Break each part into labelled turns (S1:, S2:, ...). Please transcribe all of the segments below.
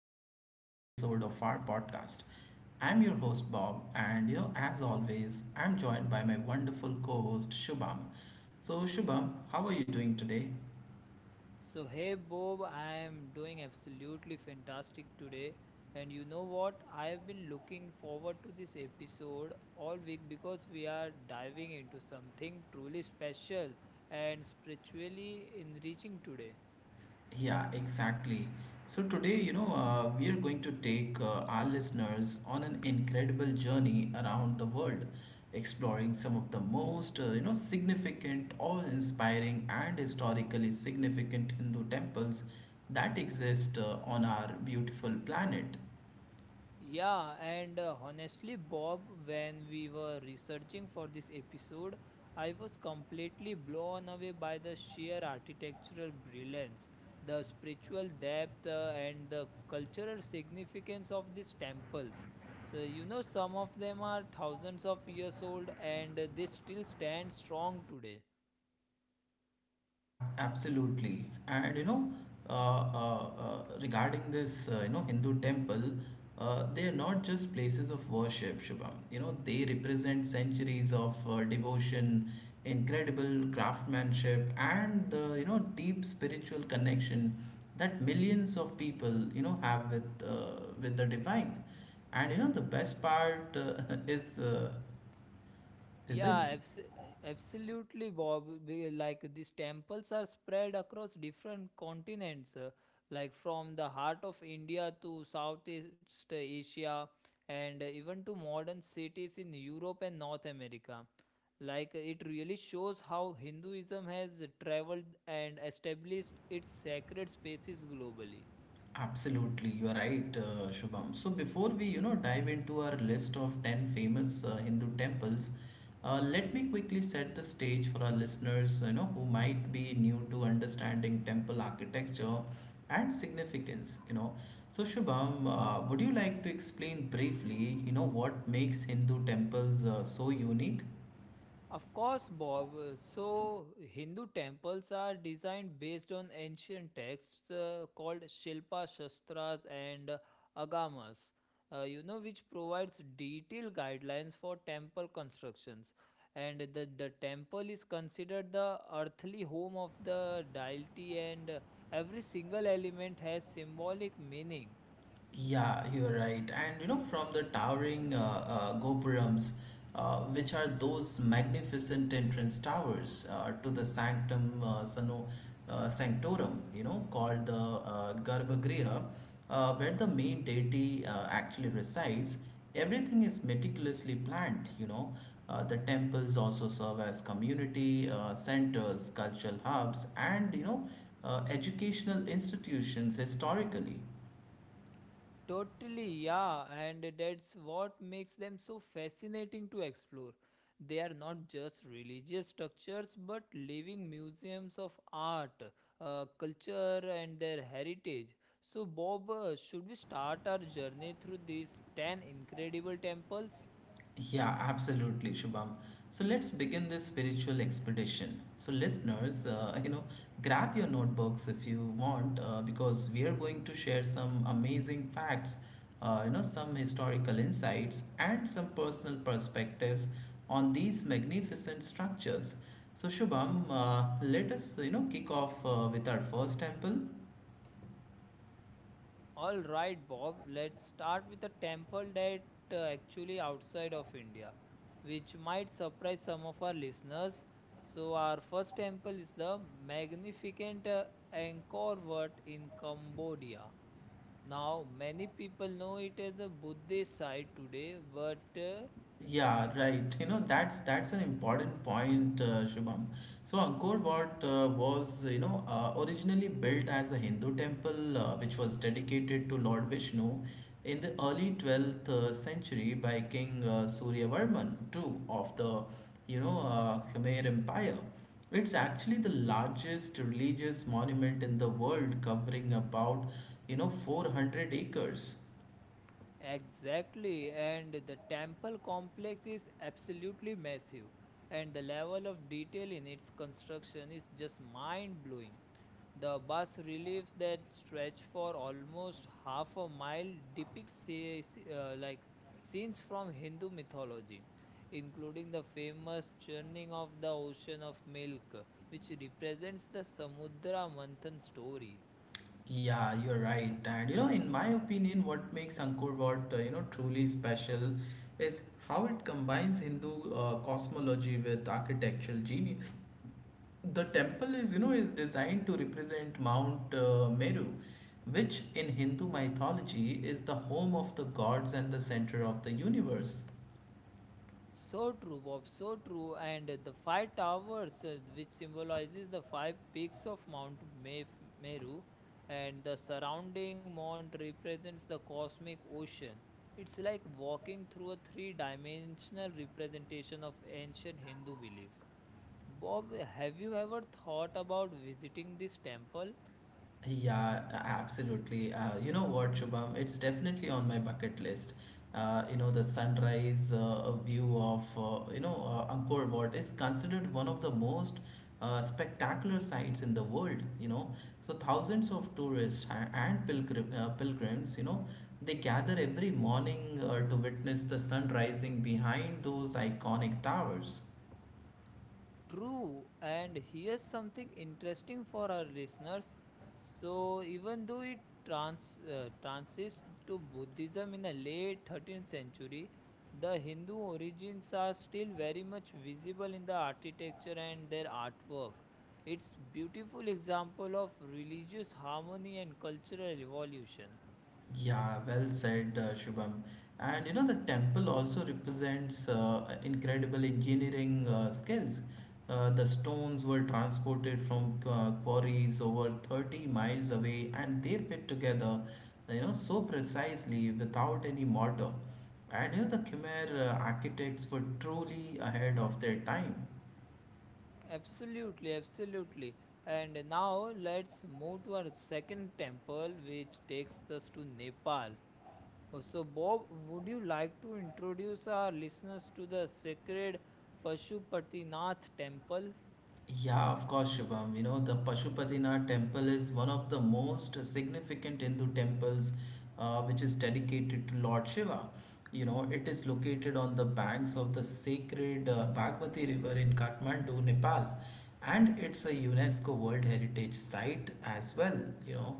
S1: exciting episode of our podcast. I'm your host, Bob, and as always, I'm joined by my wonderful co host, Shubham. So, Shubham, how are you doing today?
S2: So, hey Bob, I am doing absolutely fantastic today. And you know what? I have been looking forward to this episode all week because we are diving into something truly special and spiritually enriching today.
S1: Yeah, exactly. So today, we are going to take our listeners on an incredible journey around the world, exploring some of the most, significant, awe-inspiring, and historically significant Hindu temples that exist on our beautiful planet.
S2: Yeah, and honestly, Bob, when we were researching for this episode, I was completely blown away by the sheer architectural brilliance, the spiritual depth, and the cultural significance of these temples. So, you know, some of them are thousands of years old and they still stand strong today.
S1: Absolutely. And regarding this, Hindu temple, they are not just places of worship, Shubham. You know, they represent centuries of devotion, incredible craftsmanship, and the deep spiritual connection that millions of people, you know, have with the divine. And you know, the best part is uh, is
S2: Yeah,
S1: this.
S2: abs absolutely, Bob. Like these temples are spread across different continents, like from the heart of India to Southeast Asia, and even to modern cities in Europe and North America. Like it really shows how Hinduism has traveled and established its sacred spaces globally.
S1: Absolutely, you are right, Shubham. So before we, you know, dive into our list of 10 famous Hindu temples, let me quickly set the stage for our listeners, you know, who might be new to understanding temple architecture and significance, you know. So Shubham, would you like to explain briefly, you know, what makes Hindu temples so unique?
S2: Of course, Bob. So, Hindu temples are designed based on ancient texts called Shilpa Shastras and Agamas, you know, which provides detailed guidelines for temple constructions. And the temple is considered the earthly home of the deity, and every single element has symbolic meaning.
S1: Yeah, you're right. And you know, from the towering gopurams, which are those magnificent entrance towers to the sanctorum, you know, called the Garbhagriha, where the main deity actually resides, everything is meticulously planned, you know. The temples also serve as community centers, cultural hubs, and educational institutions historically.
S2: Totally, yeah, and that's what makes them so fascinating to explore. They are not just religious structures but living museums of art, culture, and their heritage. So, Bob, should we start our journey through these 10 incredible temples?
S1: Yeah, absolutely, Shubham. So let's begin this spiritual expedition. So, listeners, you know, grab your notebooks if you want, because we are going to share some amazing facts, you know, some historical insights, and some personal perspectives on these magnificent structures. So, Shubham, let us, you know, kick off with our first temple.
S2: All right, Bob, let's start with a temple that actually outside of India, which might surprise some of our listeners. So, our first temple is the magnificent Angkor Wat in Cambodia. Now, many people know it as a Buddhist site today, but
S1: Yeah, right. You know, that's an important point, Shubham. So Angkor Wat was, originally built as a Hindu temple, which was dedicated to Lord Vishnu in the early 12th century by King Suryavarman II of the Khmer Empire. It's actually the largest religious monument in the world, covering about, you know, 400 acres.
S2: exactly, and the temple complex is absolutely massive, and the level of detail in its construction is just mind blowing. The bus reliefs that stretch for almost half a mile depict like scenes from Hindu mythology, including the famous churning of the ocean of milk, which represents the Samudra Manthan story.
S1: Yeah, you're right. And you know, in my opinion, what makes Angkor Wat, truly special is how it combines Hindu cosmology with architectural genius. The temple is designed to represent Mount Meru, which in Hindu mythology is the home of the gods and the center of the universe.
S2: So true, Bob. So true. And the five towers, which symbolizes the five peaks of Mount Meru, and the surrounding mount represents the cosmic ocean. It's like walking through a three-dimensional representation of ancient Hindu beliefs. Bob, have you ever thought about visiting this temple?
S1: Yeah, a- Absolutely. You know what, Shubham? It's definitely on my bucket list. You know, the sunrise view of, Angkor Wat is considered one of the most spectacular sights in the world, you know. So thousands of tourists and pilgrims, you know, they gather every morning to witness the sun rising behind those iconic towers.
S2: True, and here's something interesting for our listeners. So, even though it transits to Buddhism in the late 13th century, the Hindu origins are still very much visible in the architecture and their artwork. It's beautiful example of religious harmony and cultural evolution.
S1: Yeah, well said, Shubham. And you know, the temple also represents incredible engineering skills. The stones were transported from quarries over 30 miles away and they fit together, you know, so precisely without any mortar. And you know, the Khmer architects were truly ahead of their time.
S2: Absolutely, absolutely. And now let's move to our second temple, which takes us to Nepal. So, Bob, would you like to introduce our listeners to the sacred Pashupatinath temple?
S1: Yeah, of course, Shubham. You know, the Pashupatinath temple is one of the most significant Hindu temples, which is dedicated to Lord Shiva. You know, it is located on the banks of the sacred Bagmati River in Kathmandu, Nepal, and it's a UNESCO World Heritage Site as well, you know.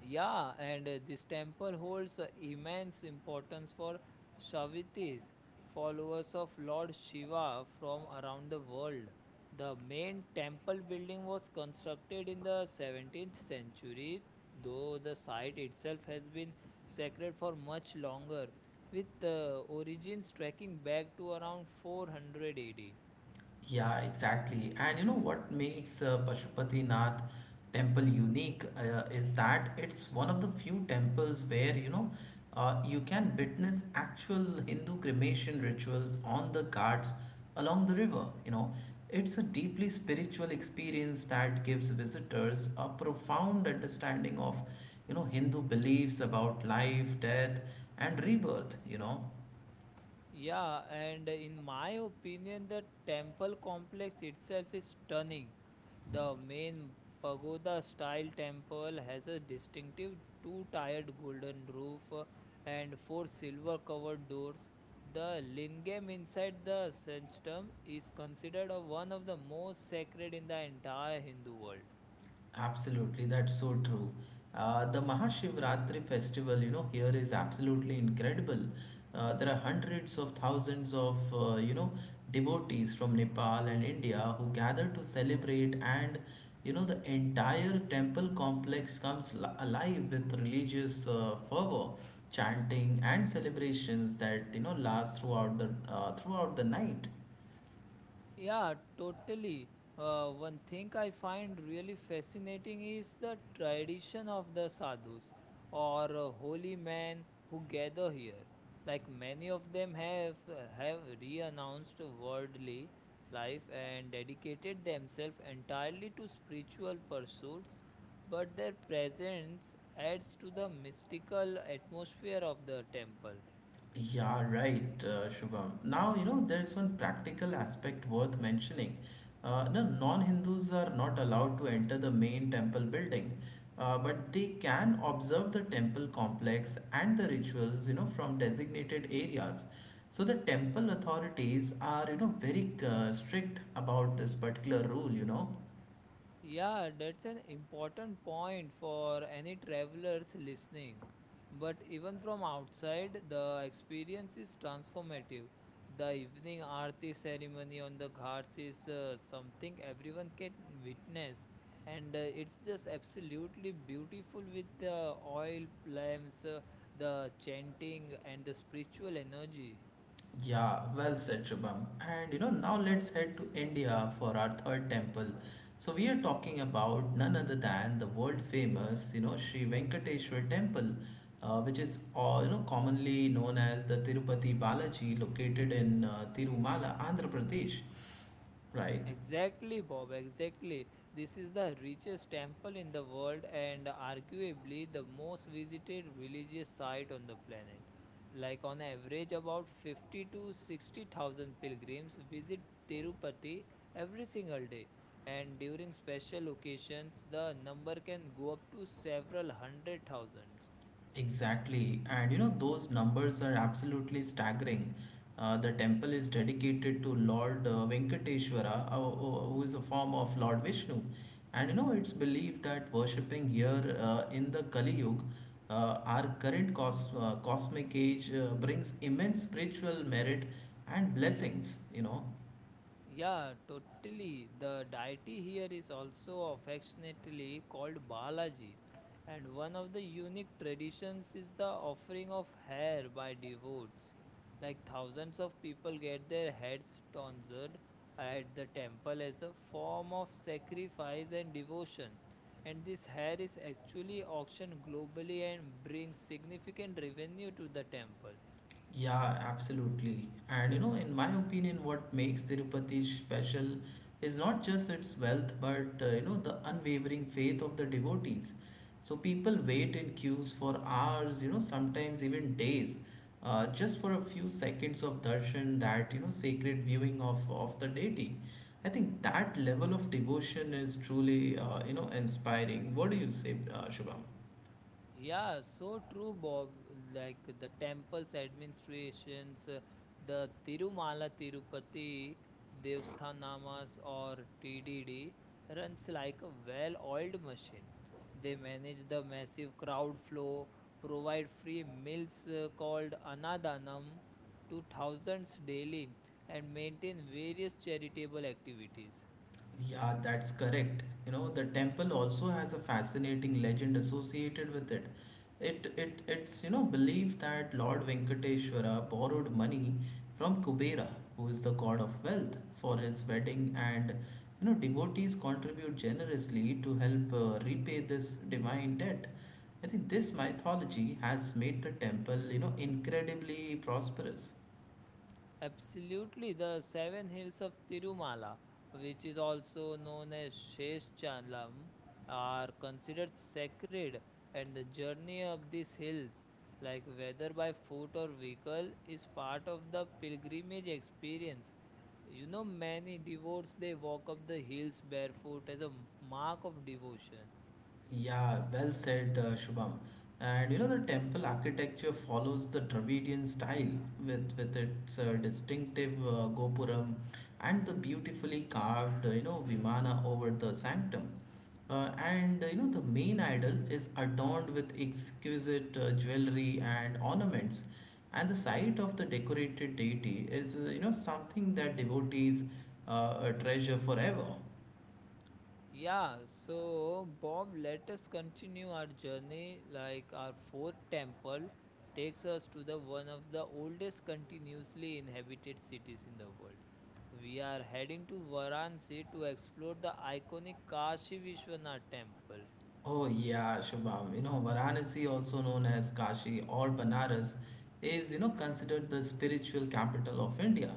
S2: Yeah, and this temple holds immense importance for Shaivites, followers of Lord Shiva from around the world. The main temple building was constructed in the 17th century, though the site itself has been sacred for much longer, with the origins tracking back to around 400 AD.
S1: Yeah, exactly. And you know what makes Pashupati Nath temple unique is that it's one of the few temples where, you can witness actual Hindu cremation rituals on the ghats along the river. You know, it's a deeply spiritual experience that gives visitors a profound understanding of, you know, Hindu beliefs about life, death, and rebirth, you know.
S2: Yeah, and in my opinion, the temple complex itself is stunning. The main pagoda style temple has a distinctive two tiered golden roof and four silver covered doors. The lingam inside the sanctum is considered one of the most sacred in the entire Hindu world.
S1: Absolutely, that's so true. The Mahashivratri festival, you know, here is absolutely incredible. There are hundreds of thousands of, devotees from Nepal and India who gather to celebrate, and, you know, the entire temple complex alive with religious fervor, chanting, and celebrations that, you know, last throughout the night.
S2: Yeah, totally. One thing I find really fascinating is the tradition of the sadhus or holy men who gather here. Like many of them have renounced worldly life and dedicated themselves entirely to spiritual pursuits, but their presence adds to the mystical atmosphere of the temple.
S1: Yeah, right, Shubham. Now, you know, there's one practical aspect worth mentioning. No, Non-Hindus are not allowed to enter the main temple building, but they can observe the temple complex and the rituals, you know, from designated areas. So the temple authorities are, you know, very strict about this particular rule, you know.
S2: Yeah, that's an important point for any travelers listening. But even from outside, the experience is transformative. The evening aarti ceremony on the ghats is something everyone can witness, and it's just absolutely beautiful with the oil lamps, the chanting, and the spiritual energy.
S1: Yeah, well said, Shubham. And you know, now let's head to India for our third temple. So we are talking about none other than the world famous, you know, Sri Venkateswar Temple, which is you know commonly known as the Tirupati Balaji, located in Tirumala, Andhra Pradesh, right?
S2: Exactly, Bob, exactly. This is the richest temple in the world and arguably the most visited religious site on the planet. Like on average about 50 to 60,000 pilgrims visit Tirupati every single day, and during special occasions the number can go up to several hundred thousand.
S1: Exactly. And you know, those numbers are absolutely staggering. The temple is dedicated to Lord Venkateshwara, who is a form of Lord Vishnu. And you know, it's believed that worshipping here in the Kali Yuga, our current cosmic age, brings immense spiritual merit and blessings, you know.
S2: Yeah, totally. The deity here is also affectionately called Balaji, and one of the unique traditions is the offering of hair by devotees. Like thousands of people get their heads tonsured at the temple as a form of sacrifice and devotion. And this hair is actually auctioned globally and brings significant revenue to the temple.
S1: Yeah, absolutely. And you know, in my opinion, what makes Tirupati special is not just its wealth, but you know, the unwavering faith of the devotees. So people wait in queues for hours, you know, sometimes even days, just for a few seconds of darshan, that you know, sacred viewing of the deity. I think that level of devotion is truly, you know, inspiring. What do you say, Shubham?
S2: Yeah, so true, Bob. Like the temple's administrations, the Tirumala Tirupati Devsthanamas or TDD runs like a well oiled machine. They manage the massive crowd flow, provide free meals called Anadanam to thousands daily, and maintain various charitable activities.
S1: Yeah, that's correct. You know, the temple also has a fascinating legend associated with it. It's you know believed that Lord Venkateshwara borrowed money from Kubera, who is the god of wealth, his wedding, and you know devotees contribute generously to help repay this divine debt. I think this mythology has made the temple you know incredibly prosperous.
S2: Absolutely, the seven hills of Tirumala, which is also known as Sheshchalam, are considered sacred, and the journey up these hills, like whether by foot or vehicle, is part of the pilgrimage experience. You know, many devotees they walk up the hills barefoot as a mark of devotion.
S1: Yeah, well said, Shubham. And you know, the temple architecture follows the Dravidian style with its distinctive gopuram and the beautifully carved, vimana over the sanctum. And You know, the main idol is adorned with exquisite jewelry and ornaments. And the sight of the decorated deity is, you know, something that devotees treasure forever.
S2: Yeah, so Bob, let us continue our journey. Like our fourth temple takes us to the one of the oldest continuously inhabited cities in the world. We are heading to Varanasi to explore the iconic Kashi Vishwanath temple.
S1: Oh yeah, Shubham. You know, Varanasi, also known as Kashi or Banaras, is you know considered the spiritual capital of India,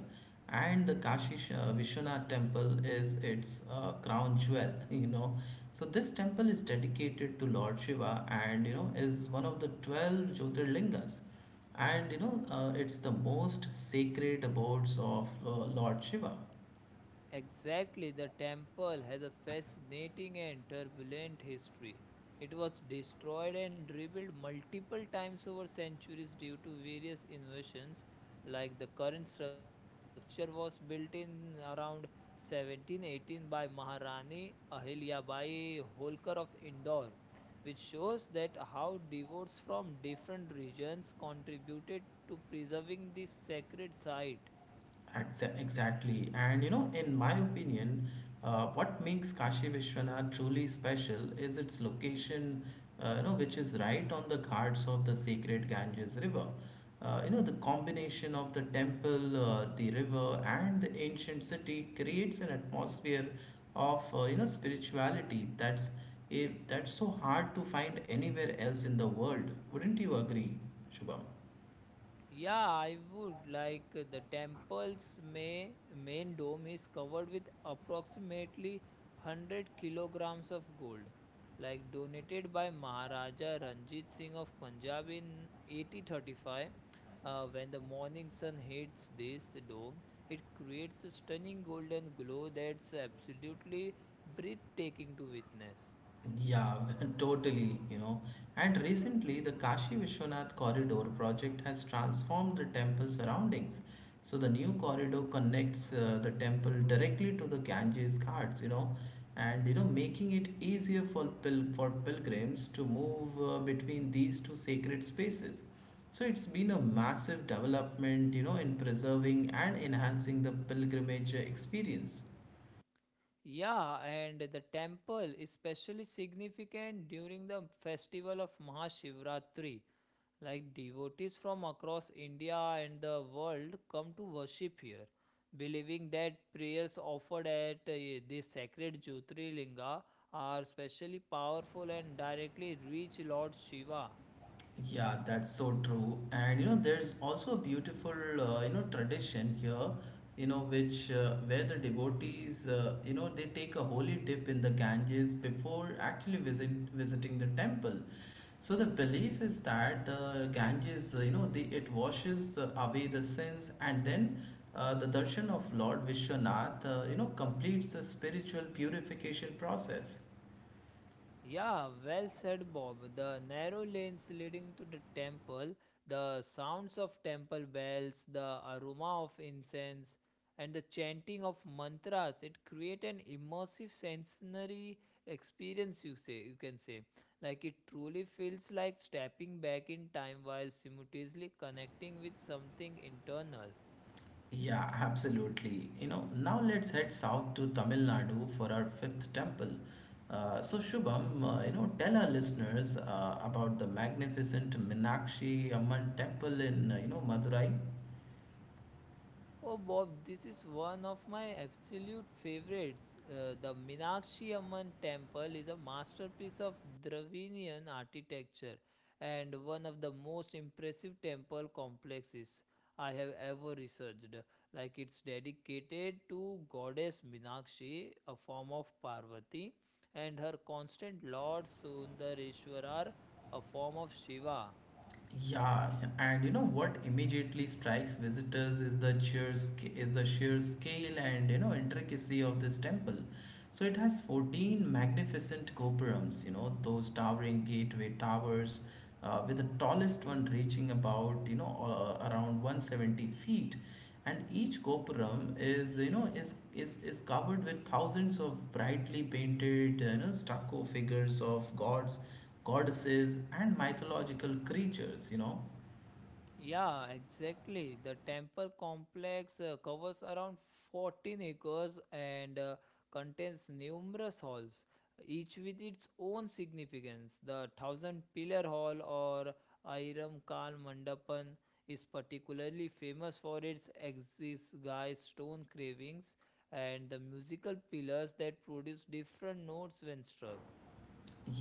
S1: and the Kashi Vishwanath temple is its crown jewel. You know, so this temple is dedicated to Lord Shiva, and you know is one of the 12 Jyotirlingas, and you know it's the most sacred abodes of Lord Shiva.
S2: Exactly, the temple has a fascinating and turbulent history. It was destroyed and rebuilt multiple times over centuries due to various invasions. Like the current structure was built in around 1718 by Maharani Ahilyabai Holkar of Indore, which shows that how devotees from different regions contributed to preserving this sacred site.
S1: Exactly. And you know, in my opinion, what makes Kashi Vishwanath truly special is its location, you know, which is right on the ghats of the sacred Ganges River. You know, the combination of the temple, the river, and the ancient city creates an atmosphere of, you know, spirituality that's so hard to find anywhere else in the world. Wouldn't you agree, Shubham?
S2: Yeah, I would like the temple's main dome is covered with approximately 100 kilograms of gold, like donated by Maharaja Ranjit Singh of Punjab in 1835. When the morning sun hits this dome, it creates a stunning golden glow that's absolutely breathtaking to witness.
S1: Yeah, totally, you know. And recently, the Kashi Vishwanath Corridor project has transformed the temple surroundings. So, the new corridor connects the temple directly to the Ganges Ghats, you know, and you know, making it easier for pilgrims to move between these two sacred spaces. So, it's been a massive development, you know, in preserving and enhancing the pilgrimage experience.
S2: Yeah, and the temple is especially significant during the festival of Mahashivratri. Like devotees from across India and the world come to worship here, believing that prayers offered at this sacred Jyotirlinga are especially powerful and directly reach Lord Shiva.
S1: Yeah, that's so true. And you know, there's also a beautiful you know tradition here, you know, which where the devotees you know they take a holy dip in the Ganges before actually visiting the temple. So the belief is that the Ganges, you know, the, it washes away the sins, and then the darshan of Lord Vishwanath, you know, completes the spiritual purification process.
S2: Yeah, well said, Bob. The narrow lanes leading to the temple, the sounds of temple bells, the aroma of incense, and the chanting of mantras, it create an immersive sensory experience, you say you can say. Like it truly feels like stepping back in time while simultaneously connecting with something internal.
S1: Yeah, absolutely. You know, now let's head south to Tamil Nadu for our fifth temple. So, Shubham, you know, tell our listeners about the magnificent Minakshi Amman temple in, you know, Madurai.
S2: Oh, Bob, this is one of my absolute favorites. The Meenakshi Amman temple is a masterpiece of Dravidian architecture and one of the most impressive temple complexes I have ever researched. Like it's dedicated to goddess Meenakshi, a form of Parvati, and her constant lord Sundareshwarar, a form of Shiva.
S1: Yeah, and you know what immediately strikes visitors is the is the sheer scale and you know intricacy of this temple. So it has 14 magnificent gopurams, you know, those towering gateway towers, with the tallest one reaching about you know around 170 feet, and each gopuram is you know is covered with thousands of brightly painted you know stucco figures of gods, goddesses and mythological creatures, you know.
S2: Yeah, exactly. The temple complex covers around 14 acres and contains numerous halls, each with its own significance. The Thousand Pillar Hall or Airam Kal Mandapan is particularly famous for its exiguised stone carvings and the musical pillars that produce different notes when struck.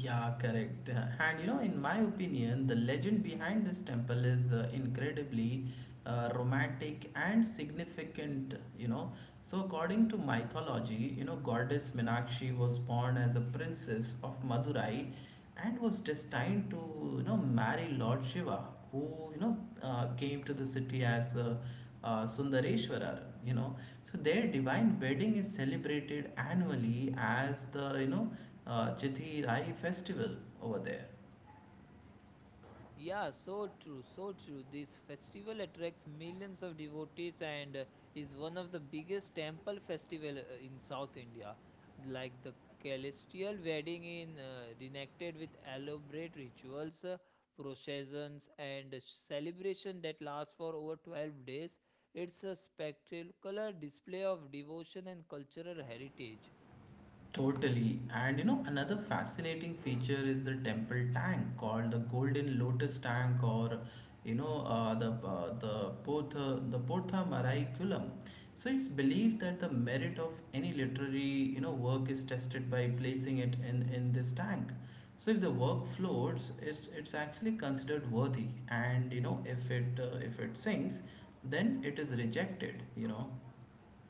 S1: Yeah, correct. And you know, in my opinion, the legend behind this temple is incredibly romantic and significant, you know. So, according to mythology, you know, goddess Meenakshi was born as a princess of Madurai and was destined to you know marry Lord Shiva, who came to the city as Sundareshwarar. You know, so their divine wedding is celebrated annually as the Chithi Rai festival over there.
S2: Yeah, so true, so true. This festival attracts millions of devotees and is one of the biggest temple festival in South India. Like the celestial wedding in reenacted with elaborate rituals, processions and celebration that lasts for over 12 days. It's a spectacular display of devotion and cultural heritage.
S1: Totally. And you know, another fascinating feature is the temple tank called the Golden Lotus Tank or the the Porta Mariculum. So it's believed that the merit of any literary you know work is tested by placing it in this tank. So if the work floats, it's actually considered worthy, and you know if it sinks, then it is rejected. You know.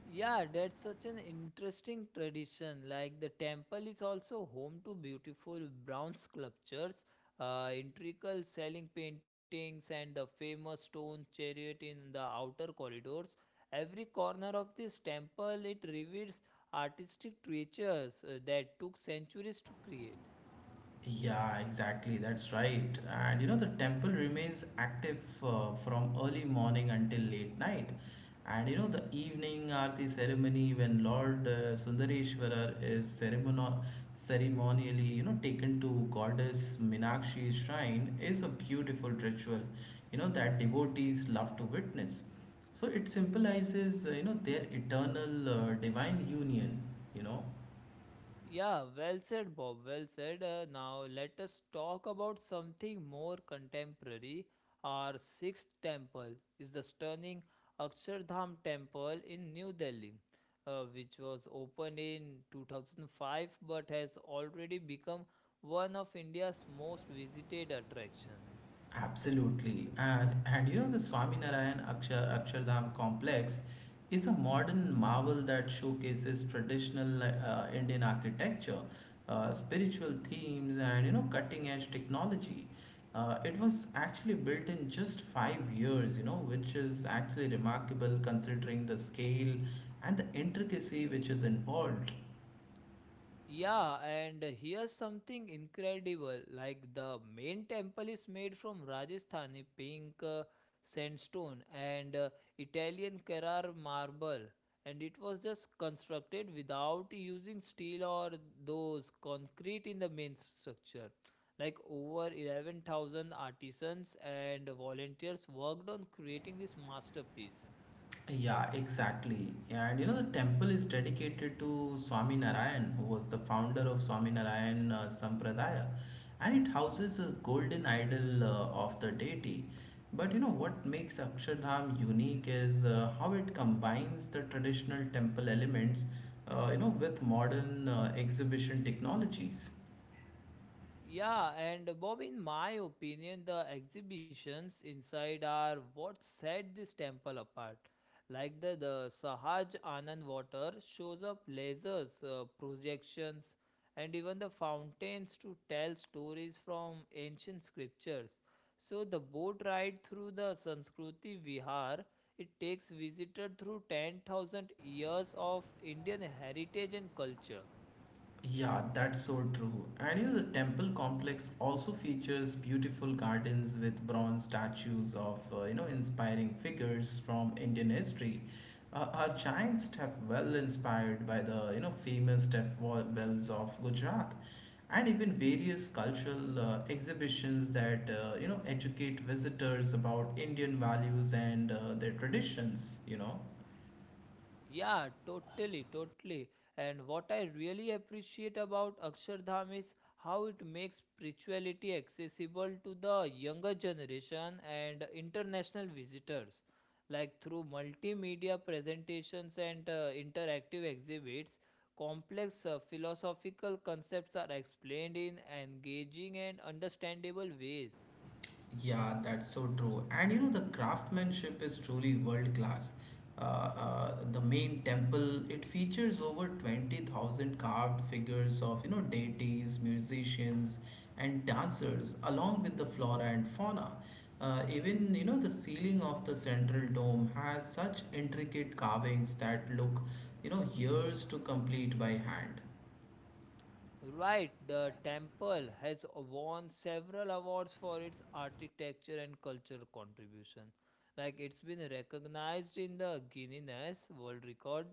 S2: Yeah, that's such an interesting tradition. Like the temple is also home to beautiful bronze sculptures, intricate ceiling paintings, and the famous stone chariot in the outer corridors. Every corner of this temple it reveals artistic treasures that took centuries to create.
S1: Yeah, exactly. That's right. And you know, the temple remains active from early morning until late night. And you know, the evening aarti ceremony when Lord Sundareshwarar is ceremonially, you know, taken to goddess Meenakshi's shrine is a beautiful ritual, you know, that devotees love to witness. So it symbolizes, you know, their eternal divine union, you know.
S2: Yeah, well said, Bob. Well said. Now let us talk about something more contemporary. Our sixth temple is the stunning Akshardham Temple in New Delhi, which was opened in 2005 but has already become one of India's most visited attractions.
S1: Absolutely. And you know, the Akshardham complex is a modern marvel that showcases traditional Indian architecture, spiritual themes, and you know, cutting edge technology. It was actually built in just 5 years, you know, which is actually remarkable considering the scale and the intricacy which is involved.
S2: Yeah, and here's something incredible. Like the main temple is made from Rajasthani pink sandstone and Italian Carrara marble, and it was just constructed without using steel or those concrete in the main structure. Like over 11,000 artisans and volunteers worked on creating this masterpiece.
S1: Yeah, exactly. And you know, the temple is dedicated to Swami Narayan, who was the founder of Swami Narayan Sampradaya, and it houses a golden idol of the deity. But you know, what makes Akshardham unique is how it combines the traditional temple elements, you know, with modern exhibition technologies.
S2: Yeah, and Bob, in my opinion, the exhibitions inside are what set this temple apart. Like the Sahaj Anand water shows up lasers, projections, and even the fountains to tell stories from ancient scriptures. So the boat ride through the Sanskriti Vihar, it takes visitor through 10,000 years of Indian heritage and culture.
S1: Yeah, that's so true. And you know, the temple complex also features beautiful gardens with bronze statues of you know inspiring figures from Indian history. Uh, a giant step well inspired by the you know famous wells of Gujarat, and even various cultural exhibitions that you know educate visitors about Indian values and their traditions. You know.
S2: Yeah, totally, totally. And what I really appreciate about Akshardham is how it makes spirituality accessible to the younger generation and international visitors. Like through multimedia presentations and interactive exhibits, complex philosophical concepts are explained in engaging and understandable ways.
S1: Yeah, that's so true. And you know, the craftsmanship is truly world class. The main temple, it features over 20,000 carved figures of, you know, deities, musicians, and dancers, along with the flora and fauna. Even, you know, the ceiling of the central dome has such intricate carvings that look, you know, years to complete by hand.
S2: Right, the temple has won several awards for its architecture and cultural contribution. Like it's been recognized in the Guinness World Record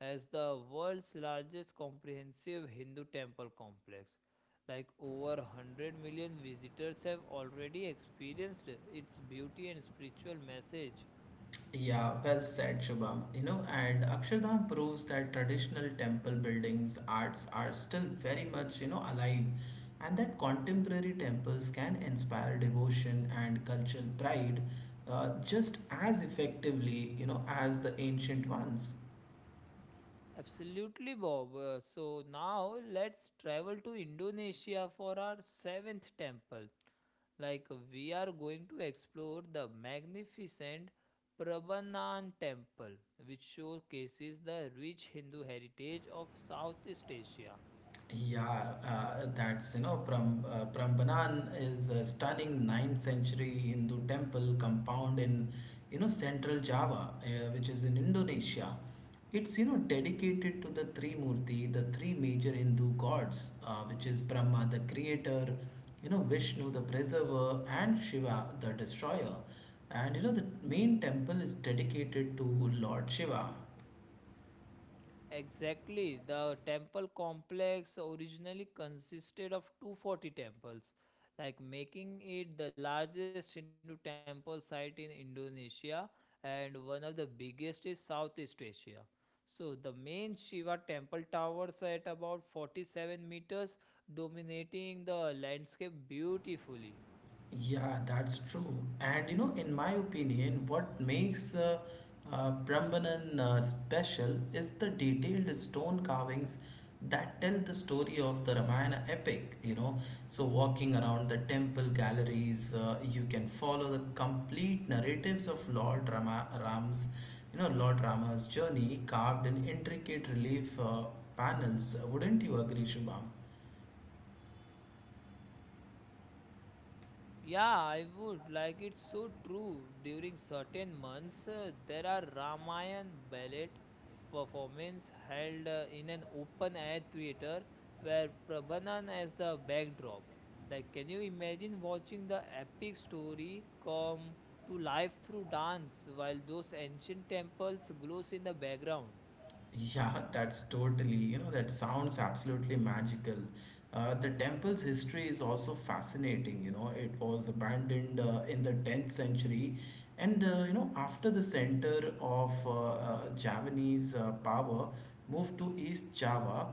S2: as the world's largest comprehensive Hindu temple complex. Like over 100 million visitors have already experienced its beauty and spiritual message.
S1: Yeah, well said, Shubham. You know, and Akshardham proves that traditional temple buildings, arts are still very much, you know, alive, and that contemporary temples can inspire devotion and cultural pride just as effectively, you know, as the ancient ones.
S2: Absolutely, Bob. So now let's travel to Indonesia for our seventh temple. Like we are going to explore the magnificent Prambanan temple, which showcases the rich Hindu heritage of Southeast Asia.
S1: Yeah, that's you know, Prambanan is a stunning ninth century Hindu temple compound in you know central Java, which is in Indonesia. It's you know dedicated to the three Murti, the three major Hindu gods, which is Brahma the creator, you know Vishnu the preserver, and Shiva the destroyer. And you know the main temple is dedicated to Lord Shiva.
S2: Exactly. The temple complex originally consisted of 240 temples, like making it the largest Hindu temple site in Indonesia and one of the biggest in Southeast Asia. So the main Shiva temple towers at about 47 meters, dominating the landscape beautifully.
S1: Yeah, that's true. And you know, in my opinion, what makes Prambanan special is the detailed stone carvings that tell the story of the Ramayana epic. You know, so walking around the temple galleries, you can follow the complete narratives of you know, Lord Rama's journey carved in intricate relief panels. Wouldn't you agree, Shubham?
S2: Yeah, I would. Like, it's so true. During certain months, there are Ramayan ballet performance held in an open air theater where Prabhanan as the backdrop. Like, can you imagine watching the epic story come to life through dance while those ancient temples glows in the background?
S1: Yeah, that's totally, you know, that sounds absolutely magical. The temple's history is also fascinating. You know, it was abandoned in the 10th century, and you know, after the center of Javanese power moved to East Java,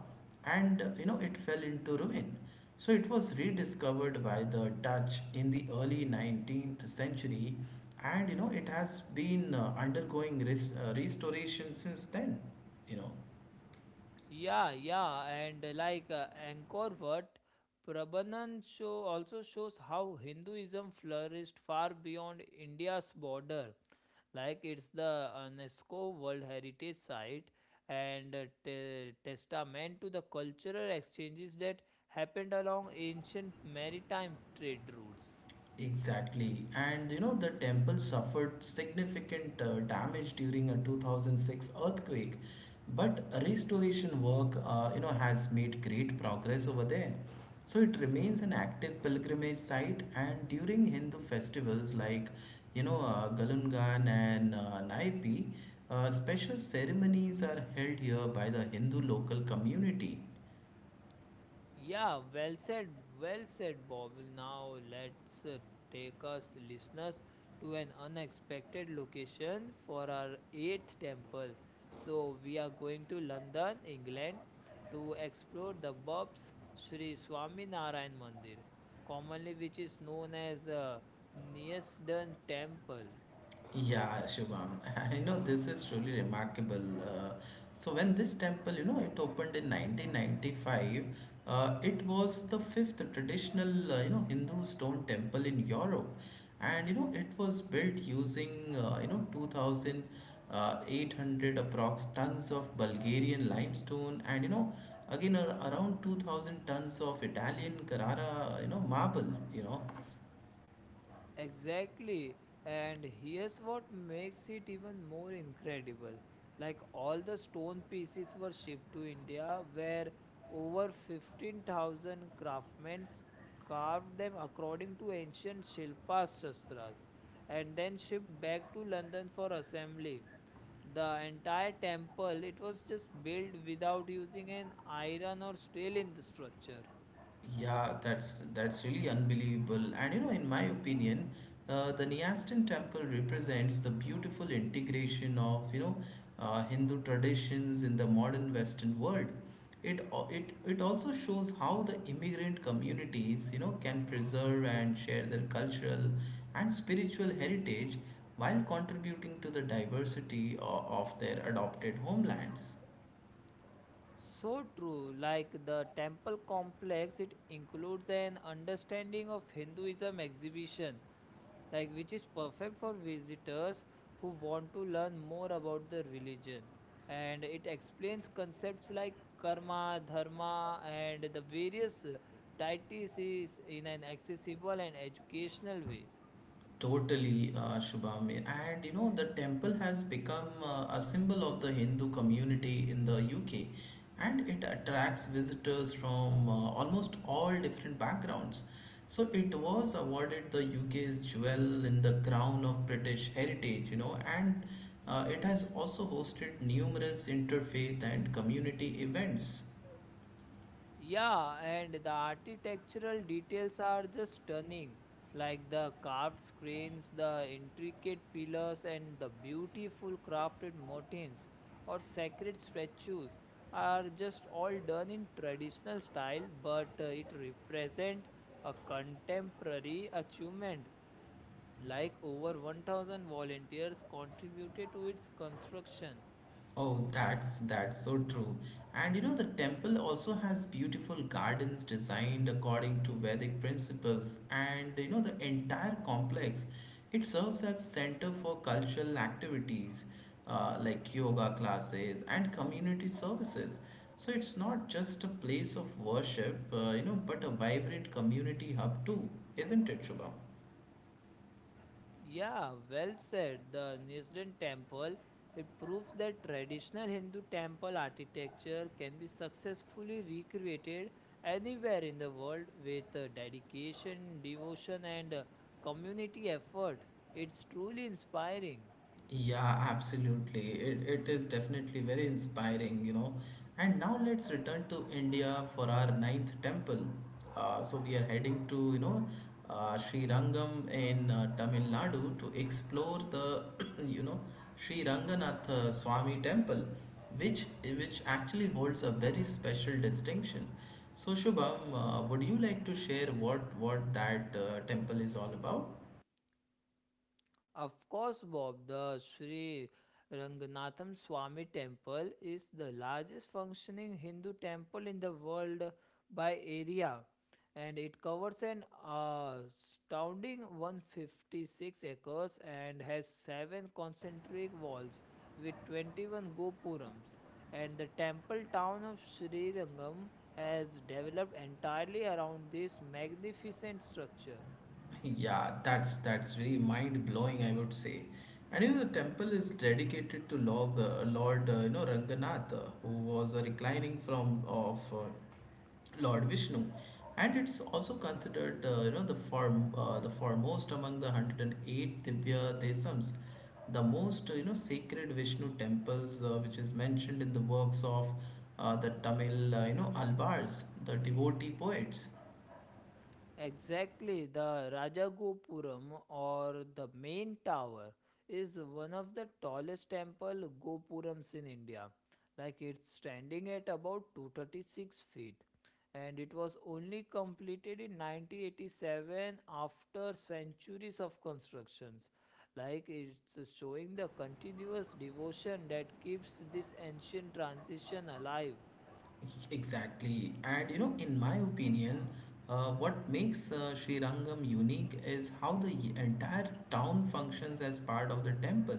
S1: and you know, it fell into ruin. So it was rediscovered by the Dutch in the early 19th century, and you know, it has been undergoing restoration since then, you know.
S2: Yeah, and like Angkor Wat, Prabhanan show also shows how Hinduism flourished far beyond India's border. Like it's the UNESCO World Heritage Site and a testament to the cultural exchanges that happened along ancient maritime trade routes.
S1: Exactly, and you know, the temple suffered significant damage during a 2006 earthquake, but restoration work, you know, has made great progress over there. So it remains an active pilgrimage site, and during Hindu festivals like, you know, Galungan and Naipi, special ceremonies are held here by the Hindu local community.
S2: Yeah, well said, Bob. Now let's take us listeners to an unexpected location for our eighth temple. So we are going to London, England, to explore the Bob's Sri Swaminarayan Mandir, commonly which is known as Neasden Temple.
S1: Yeah, Shubham. You know, this is truly remarkable. So when this temple, you know, it opened in 1995, it was the fifth traditional, you know, Hindu stone temple in Europe. And, you know, it was built using, you know, 2,800 approx tons of Bulgarian limestone and, you know, again around 2,000 tons of Italian Carrara, you know, marble, you know.
S2: Exactly. And here's what makes it even more incredible. Like all the stone pieces were shipped to India, where over 15,000 craftsmen carved them according to ancient Shilpa Shastras and then shipped back to London for assembly. The entire temple, it was just built without using an iron or steel in the structure.
S1: Yeah, that's really unbelievable. And you know, in my opinion, the Nyastin temple represents the beautiful integration of you know Hindu traditions in the modern Western world. It al- it also shows how the immigrant communities you know can preserve and share their cultural and spiritual heritage while contributing to the diversity of their adopted homelands.
S2: So true, like the temple complex, it includes an understanding of Hinduism exhibition, like which is perfect for visitors who want to learn more about the religion. And it explains concepts like karma, dharma, and the various deities is in an accessible and educational way.
S1: Totally, Shubham. And you know, the temple has become a symbol of the Hindu community in the UK, and it attracts visitors from almost all different backgrounds. So it was awarded the UK's jewel in the crown of British heritage, you know, and it has also hosted numerous interfaith and community events.
S2: Yeah, and the architectural details are just stunning, like the carved screens, the intricate pillars, and the beautiful crafted motifs or sacred statues are just all done in traditional style, but it represent a contemporary achievement. Like over 1,000 volunteers contributed to its construction.
S1: Oh, that's so true. And you know the temple also has beautiful gardens designed according to Vedic principles, and you know the entire complex it serves as a center for cultural activities, like yoga classes and community services. So it's not just a place of worship, you know, but a vibrant community hub too, isn't it, Shubham?
S2: Yeah, well said. The Nisden temple, it proves that traditional Hindu temple architecture can be successfully recreated anywhere in the world with dedication, devotion and community effort. It's truly inspiring.
S1: Yeah, absolutely. It is definitely very inspiring, you know. And now let's return to India for our ninth temple. So we are heading to, you know, Sri Rangam in Tamil Nadu to explore the, you know, Sri Ranganatha Swami temple, which actually holds a very special distinction. So Shubham, would you like to share what that temple is all about?
S2: Of course, Bob, the Sri Ranganatham Swami Temple is the largest functioning Hindu temple in the world by area, and it covers an astounding 156 acres and has seven concentric walls with 21 gopurams, and the temple town of Srirangam has developed entirely around this magnificent structure.
S1: Yeah, that's really mind blowing, I would say. And you know, the temple is dedicated to Lord you know, Ranganath, who was a reclining from of Lord Vishnu, and it's also considered you know the form the foremost among the 108 Divya Desams, the most you know sacred Vishnu temples, which is mentioned in the works of the Tamil you know Alvars, the devotee poets.
S2: Exactly, the Rajagopuram or the main tower is one of the tallest temple gopurams in India. Like it's standing at about 236 feet and it was only completed in 1987 after centuries of constructions. Like it's showing the continuous devotion that keeps this ancient transition alive.
S1: Exactly. And you know, in my opinion, what makes Sri Rangam unique is how the entire town functions as part of the temple.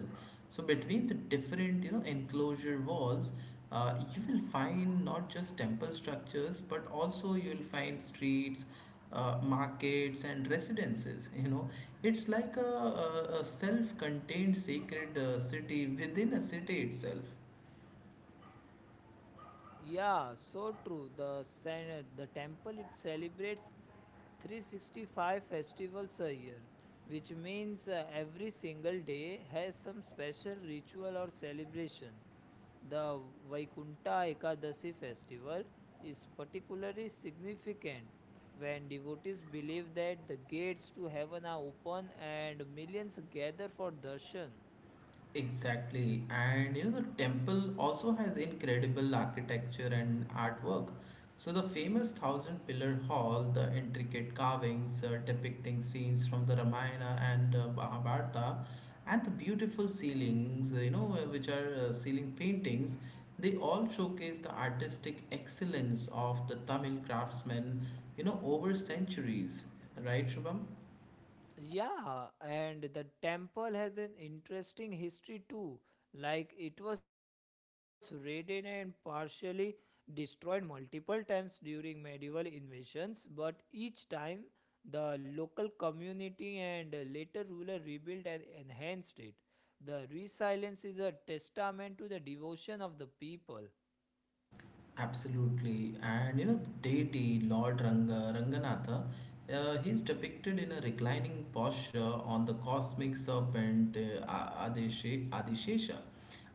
S1: So between the different, you know, enclosure walls, you will find not just temple structures, but also you'll find streets, markets, and residences. You know, it's like a self-contained sacred city within a city itself.
S2: Yeah, so true. The temple it celebrates 365 festivals a year, which means every single day has some special ritual or celebration. The Vaikunta Ekadashi festival is particularly significant when devotees believe that the gates to heaven are open and millions gather for darshan.
S1: Exactly, and you know, the temple also has incredible architecture and artwork. So, the famous thousand pillar hall, the intricate carvings depicting scenes from the Ramayana and Mahabharata, and the beautiful ceilings, you know, which are ceiling paintings, they all showcase the artistic excellence of the Tamil craftsmen, you know, over centuries. Right, Shubham?
S2: Yeah, and the temple has an interesting history too. Like it was raided and partially destroyed multiple times during medieval invasions, but each time the local community and later ruler rebuilt and enhanced it. The resilience is a testament to the devotion of the people.
S1: Absolutely. And you know, deity Ranganatha, he's depicted in a reclining posture on the cosmic serpent Adishesha.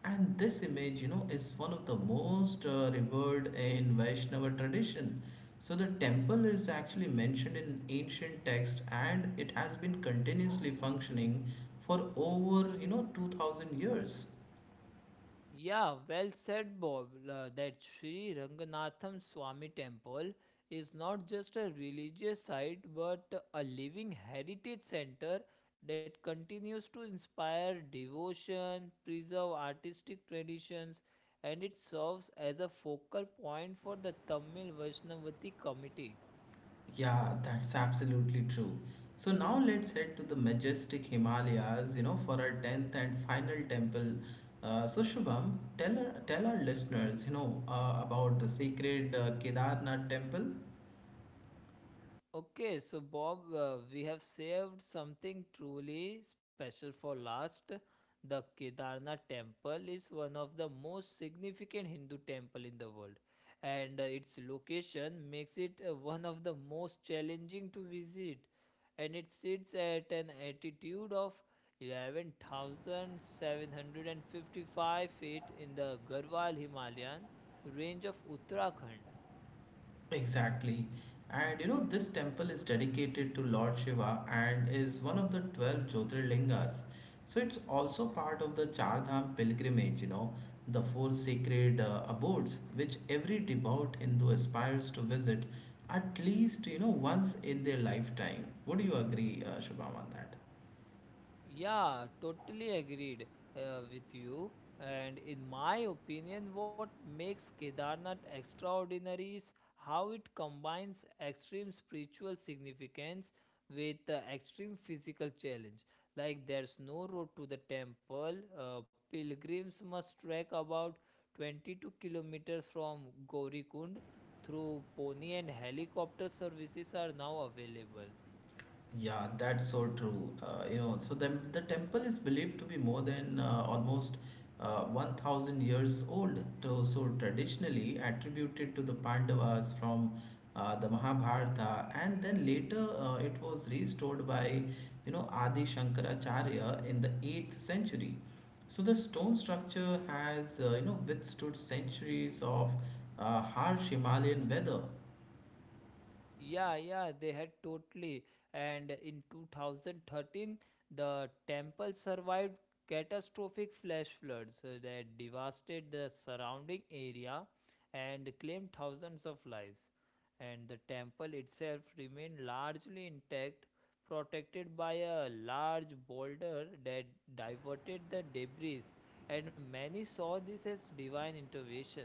S1: And this image, you know, is one of the most revered in Vaishnava tradition. So the temple is actually mentioned in ancient text, and it has been continuously functioning for over, you know, 2000 years.
S2: Yeah, well said, Bob. That Sri Ranganatham Swami temple is not just a religious site but a living heritage center that continues to inspire devotion, preserve artistic traditions, and it serves as a focal point for the Tamil Vaishnavati community.
S1: Yeah, that's absolutely true. So now let's head to the majestic Himalayas, you know, for our 10th and final temple. So Shubham, tell our listeners, you know, about the sacred Kedarnath temple.
S2: Okay, so Bob, we have saved something truly special for last. The Kedarnath temple is one of the most significant Hindu temple in the world, and its location makes it one of the most challenging to visit. And it sits at an altitude of 11,755 feet in the Garhwal Himalayan range of Uttarakhand.
S1: Exactly. And you know, this temple is dedicated to Lord Shiva and is one of the 12 Jyotirlingas. So it's also part of the Char Dham pilgrimage, you know, the four sacred abodes which every devout Hindu aspires to visit at least, you know, once in their lifetime. Would you agree, Shubham, on that?
S2: Yeah, totally agreed with you. And in my opinion, what makes Kedarnath extraordinary is how it combines extreme spiritual significance with extreme physical challenge. Like there's no road to the temple. Pilgrims must trek about 22 kilometers from Gaurikund through pony and helicopter services are now available.
S1: Yeah, that's so true. You know, so the temple is believed to be more than almost 1000 years old. Traditionally attributed to the Pandavas from the Mahabharata, and then later it was restored by, you know, Adi Shankaracharya in the 8th century. So, the stone structure has, you know, withstood centuries of harsh Himalayan weather.
S2: Yeah, they had totally. And in 2013, the temple survived catastrophic flash floods that devastated the surrounding area and claimed thousands of lives. And the temple itself remained largely intact, protected by a large boulder that diverted the debris. And many saw this as divine intervention.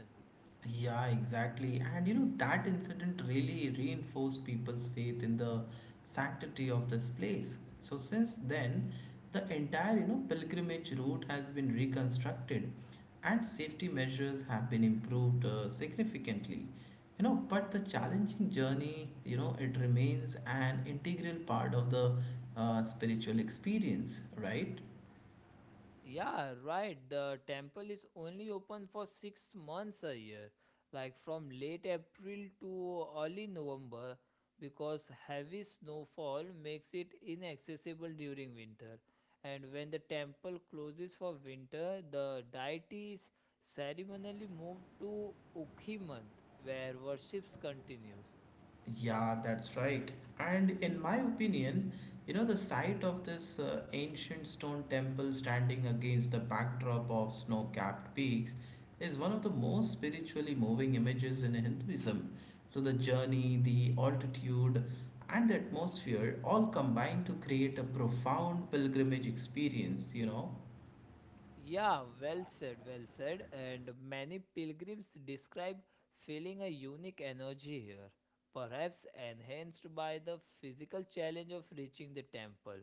S1: Yeah, exactly. And you know, that incident really reinforced people's faith in the sanctity of this place. So since then, the entire, pilgrimage route has been reconstructed and safety measures have been improved significantly. But the challenging journey, it remains an integral part of the spiritual experience, right?
S2: Yeah, right. The temple is only open for 6 months a year, like from late April to early November, because heavy snowfall makes it inaccessible during winter. And when the temple closes for winter, the deities ceremonially move to Ukhi month, where worships continues.
S1: Yeah, that's right. And in my opinion, you know, the sight of this ancient stone temple standing against the backdrop of snow capped peaks is one of the most spiritually moving images in Hinduism. So, the journey, the altitude, and the atmosphere all combine to create a profound pilgrimage experience, you know.
S2: Yeah, well said, well said. And many pilgrims describe feeling a unique energy here, perhaps enhanced by the physical challenge of reaching the temple,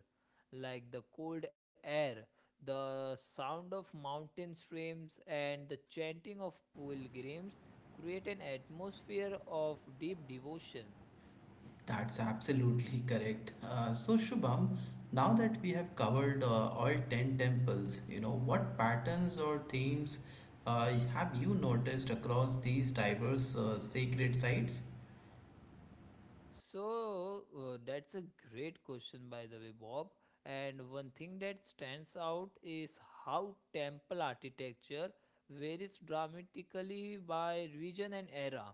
S2: like the cold air, the sound of mountain streams, and the chanting of pilgrims create an atmosphere of deep devotion.
S1: That's absolutely correct. So Shubham, now that we have covered all 10 temples, you know, what patterns or themes have you noticed across these diverse sacred sites?
S2: So that's a great question, by the way, Bob. And one thing that stands out is how temple architecture varies dramatically by region and era,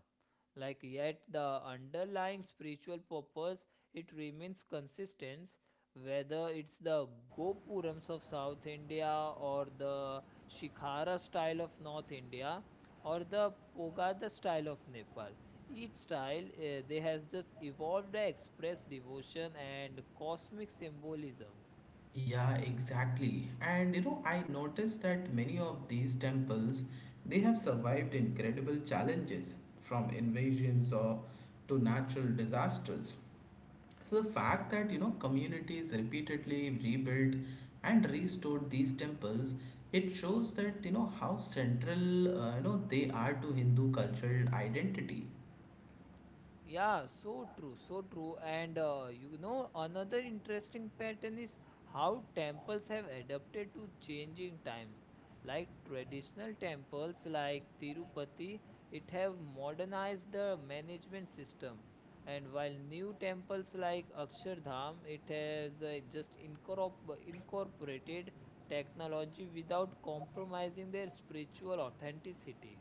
S2: like yet the underlying spiritual purpose it remains consistent, whether it's the gopurams of South India or the Shikhara style of North India or the pogada style of Nepal. Each style they has just evolved to express devotion and cosmic symbolism.
S1: Yeah, exactly. And you know, I noticed that many of these temples, they have survived incredible challenges from invasions or to natural disasters. So the fact that you know communities repeatedly rebuilt and restored these temples, it shows that you know how central you know they are to Hindu cultural identity.
S2: Yeah, so true, so true. And another interesting pattern is how temples have adapted to changing times. Like traditional temples like Tirupati, it have modernized the management system. And while new temples like Akshardham, it has just incorporated technology without compromising their spiritual authenticity.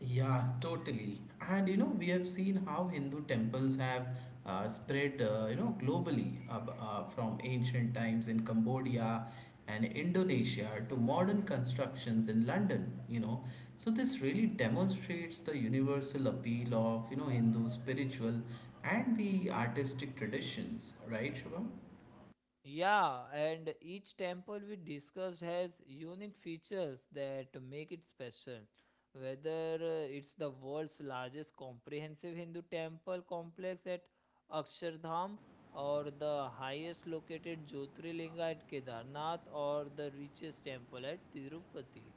S1: Yeah, totally. And you know, we have seen how Hindu temples have spread, you know, globally from ancient times in Cambodia and Indonesia to modern constructions in London, you know. So this really demonstrates the universal appeal of, you know, Hindu spiritual and the artistic traditions, right, Shubham?
S2: Yeah, and each temple we discussed has unique features that make it special. Whether it's the world's largest comprehensive Hindu temple complex at Akshardham, or the highest located Jyotirlinga at Kedarnath, or the richest temple at Tirupati.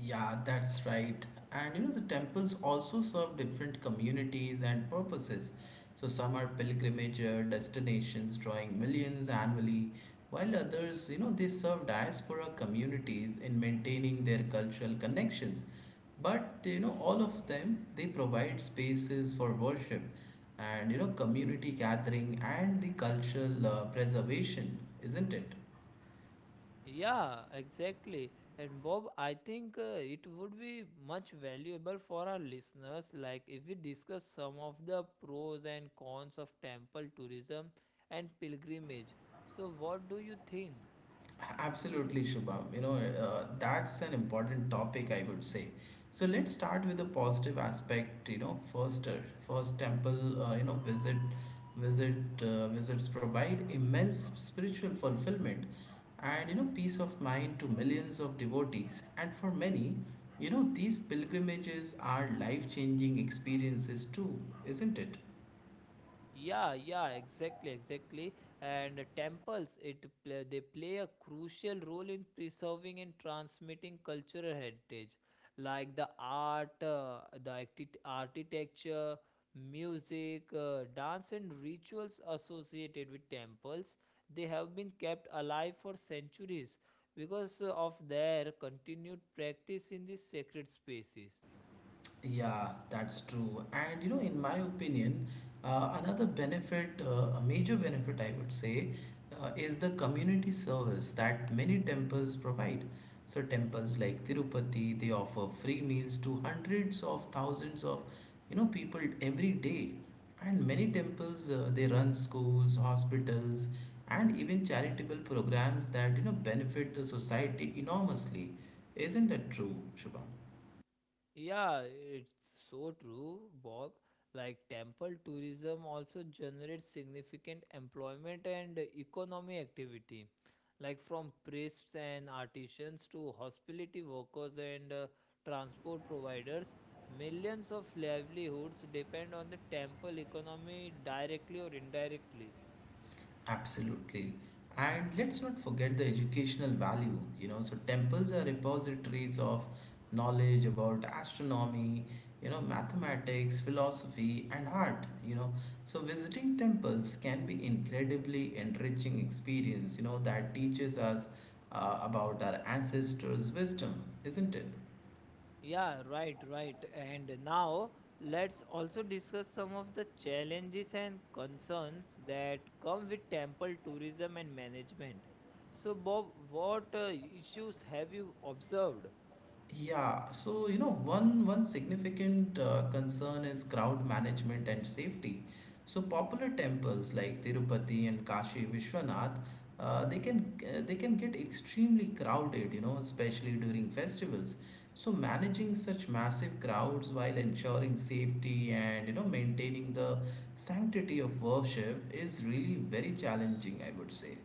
S1: Yeah, that's right. And you know, the temples also serve different communities and purposes. So, some are pilgrimage destinations drawing millions annually, while others, you know, they serve diaspora communities in maintaining their cultural connections. But, you know, all of them, they provide spaces for worship and, you know, community gathering and the cultural preservation, isn't it?
S2: Yeah, exactly. And Bob, I think it would be much valuable for our listeners, like if we discuss some of the pros and cons of temple tourism and pilgrimage. So, what do you think?
S1: Absolutely, Shubham. That's an important topic, I would say. So let's start with the positive aspect. You know, first, first temple, you know, visit, visit, visits provide immense spiritual fulfillment, and you know, peace of mind to millions of devotees. And for many, you know, these pilgrimages are life-changing experiences too, isn't it?
S2: Yeah, exactly. And temples, they play a crucial role in preserving and transmitting cultural heritage, like the art, architecture, music, dance, and rituals associated with temples. They have been kept alive for centuries because of their continued practice in these sacred spaces.
S1: Yeah, that's true. And you know, in my opinion, a major benefit, I would say, is the community service that many temples provide. So, temples like Tirupati, they offer free meals to hundreds of thousands of, you know, people every day. And many temples, they run schools, hospitals, and even charitable programs that, you know, benefit the society enormously. Isn't that true, Shubham?
S2: Yeah, it's so true, Bob. Like temple tourism also generates significant employment and economy activity, like from priests and artisans to hospitality workers and transport providers. Millions of livelihoods depend on the temple economy directly or indirectly.
S1: Absolutely. And let's not forget the educational value, you know. So, temples are repositories of knowledge about astronomy, you know, mathematics, philosophy, and art, you know. So, visiting temples can be incredibly enriching experience, you know, that teaches us about our ancestors' wisdom, isn't it?
S2: Yeah, right. And now let's also discuss some of the challenges and concerns that come with temple tourism and management. So, Bob, what issues have you observed?
S1: Yeah, so you know, one significant concern is crowd management and safety. So popular temples like Tirupati and Kashi Vishwanath, they can get extremely crowded, you know, especially during festivals. So managing such massive crowds while ensuring safety and you know maintaining the sanctity of worship is really very challenging, I would say.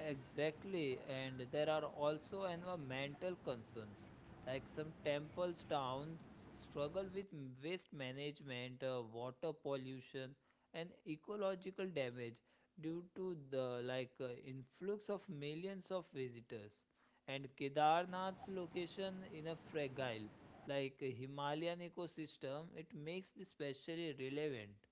S2: Exactly, and there are also environmental concerns. Like some temples, towns struggle with waste management, water pollution, and ecological damage due to the like influx of millions of visitors. And Kedarnath's location in a fragile, like Himalayan ecosystem, it makes this specially relevant.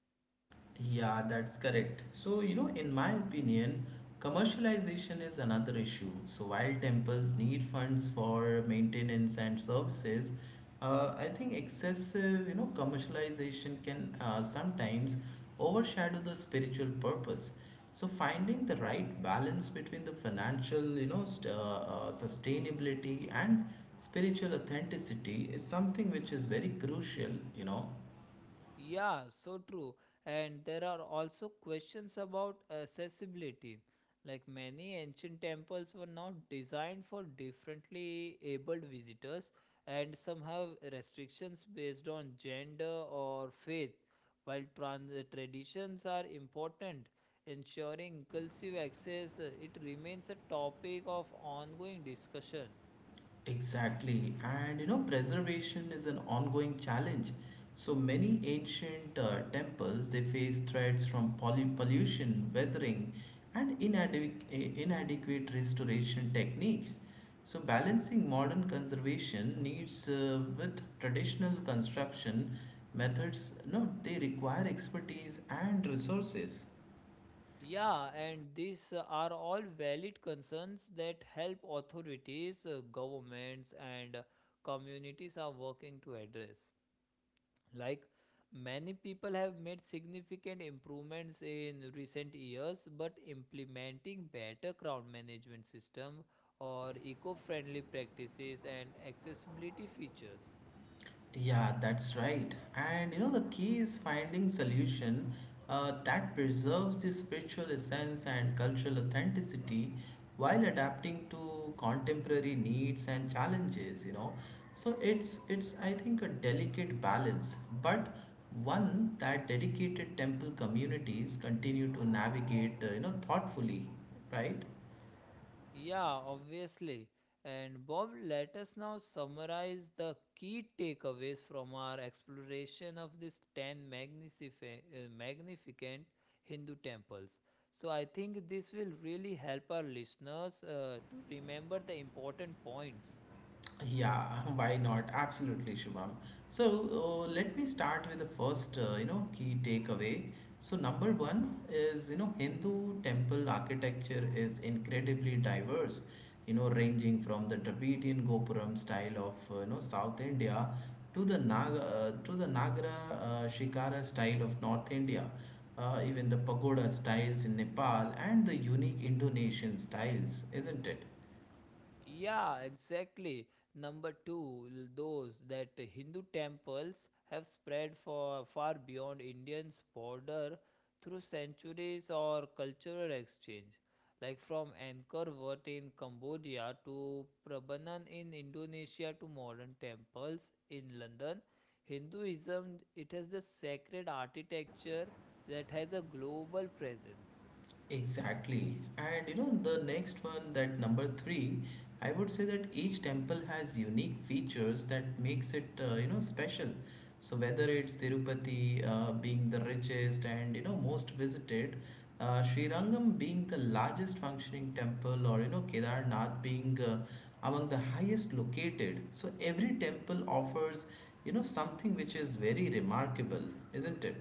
S1: Yeah, that's correct. So, you know, in my opinion, commercialization is another issue. So, while temples need funds for maintenance and services, I think excessive, you know, commercialization can sometimes overshadow the spiritual purpose. So, finding the right balance between the financial, sustainability and spiritual authenticity is something which is very crucial, you know.
S2: Yeah, so true. And there are also questions about accessibility. Like many ancient temples were not designed for differently abled visitors, and some have restrictions based on gender or faith. While traditions are important, ensuring inclusive access, it remains a topic of ongoing discussion.
S1: Exactly. And you know, preservation is an ongoing challenge. So many ancient temples they face threats from pollution, weathering, and inadequate restoration techniques. So balancing modern conservation needs with traditional construction methods, no, they require expertise and resources.
S2: Yeah, and these are all valid concerns that help authorities, governments, and communities are working to address. Like many people have made significant improvements in recent years, but implementing better crowd management system or eco-friendly practices and accessibility features.
S1: Yeah, that's right. And you know, the key is finding solution that preserves the spiritual essence and cultural authenticity while adapting to contemporary needs and challenges, you know. So it's I think a delicate balance, but one that dedicated temple communities continue to navigate, you know, thoughtfully, right?
S2: Yeah, obviously. And Bob, let us now summarize the key takeaways from our exploration of these 10 magnificent Hindu temples. So, I think this will really help our listeners to remember the important points.
S1: Yeah, why not? Absolutely, Shubham. So let me start with the first, you know, key takeaway. So number one is, you know, Hindu temple architecture is incredibly diverse, you know, ranging from the Dravidian Gopuram style of, you know, South India to the Nagara Shikara style of North India, even the pagoda styles in Nepal and the unique Indonesian styles, isn't it?
S2: Yeah, exactly. Number two, those that Hindu temples have spread for far beyond Indians' border through centuries or cultural exchange, like from Angkor Wat in Cambodia to Prabanan in Indonesia to modern temples in London. Hinduism it has the sacred architecture that has a global presence.
S1: Exactly. And you know, the next one, that number three, I would say that each temple has unique features that makes it, you know, special. So whether it's Tirupati being the richest and, you know, most visited, Sri Rangam being the largest functioning temple or, you know, Kedarnath being among the highest located. So every temple offers, you know, something which is very remarkable, isn't it?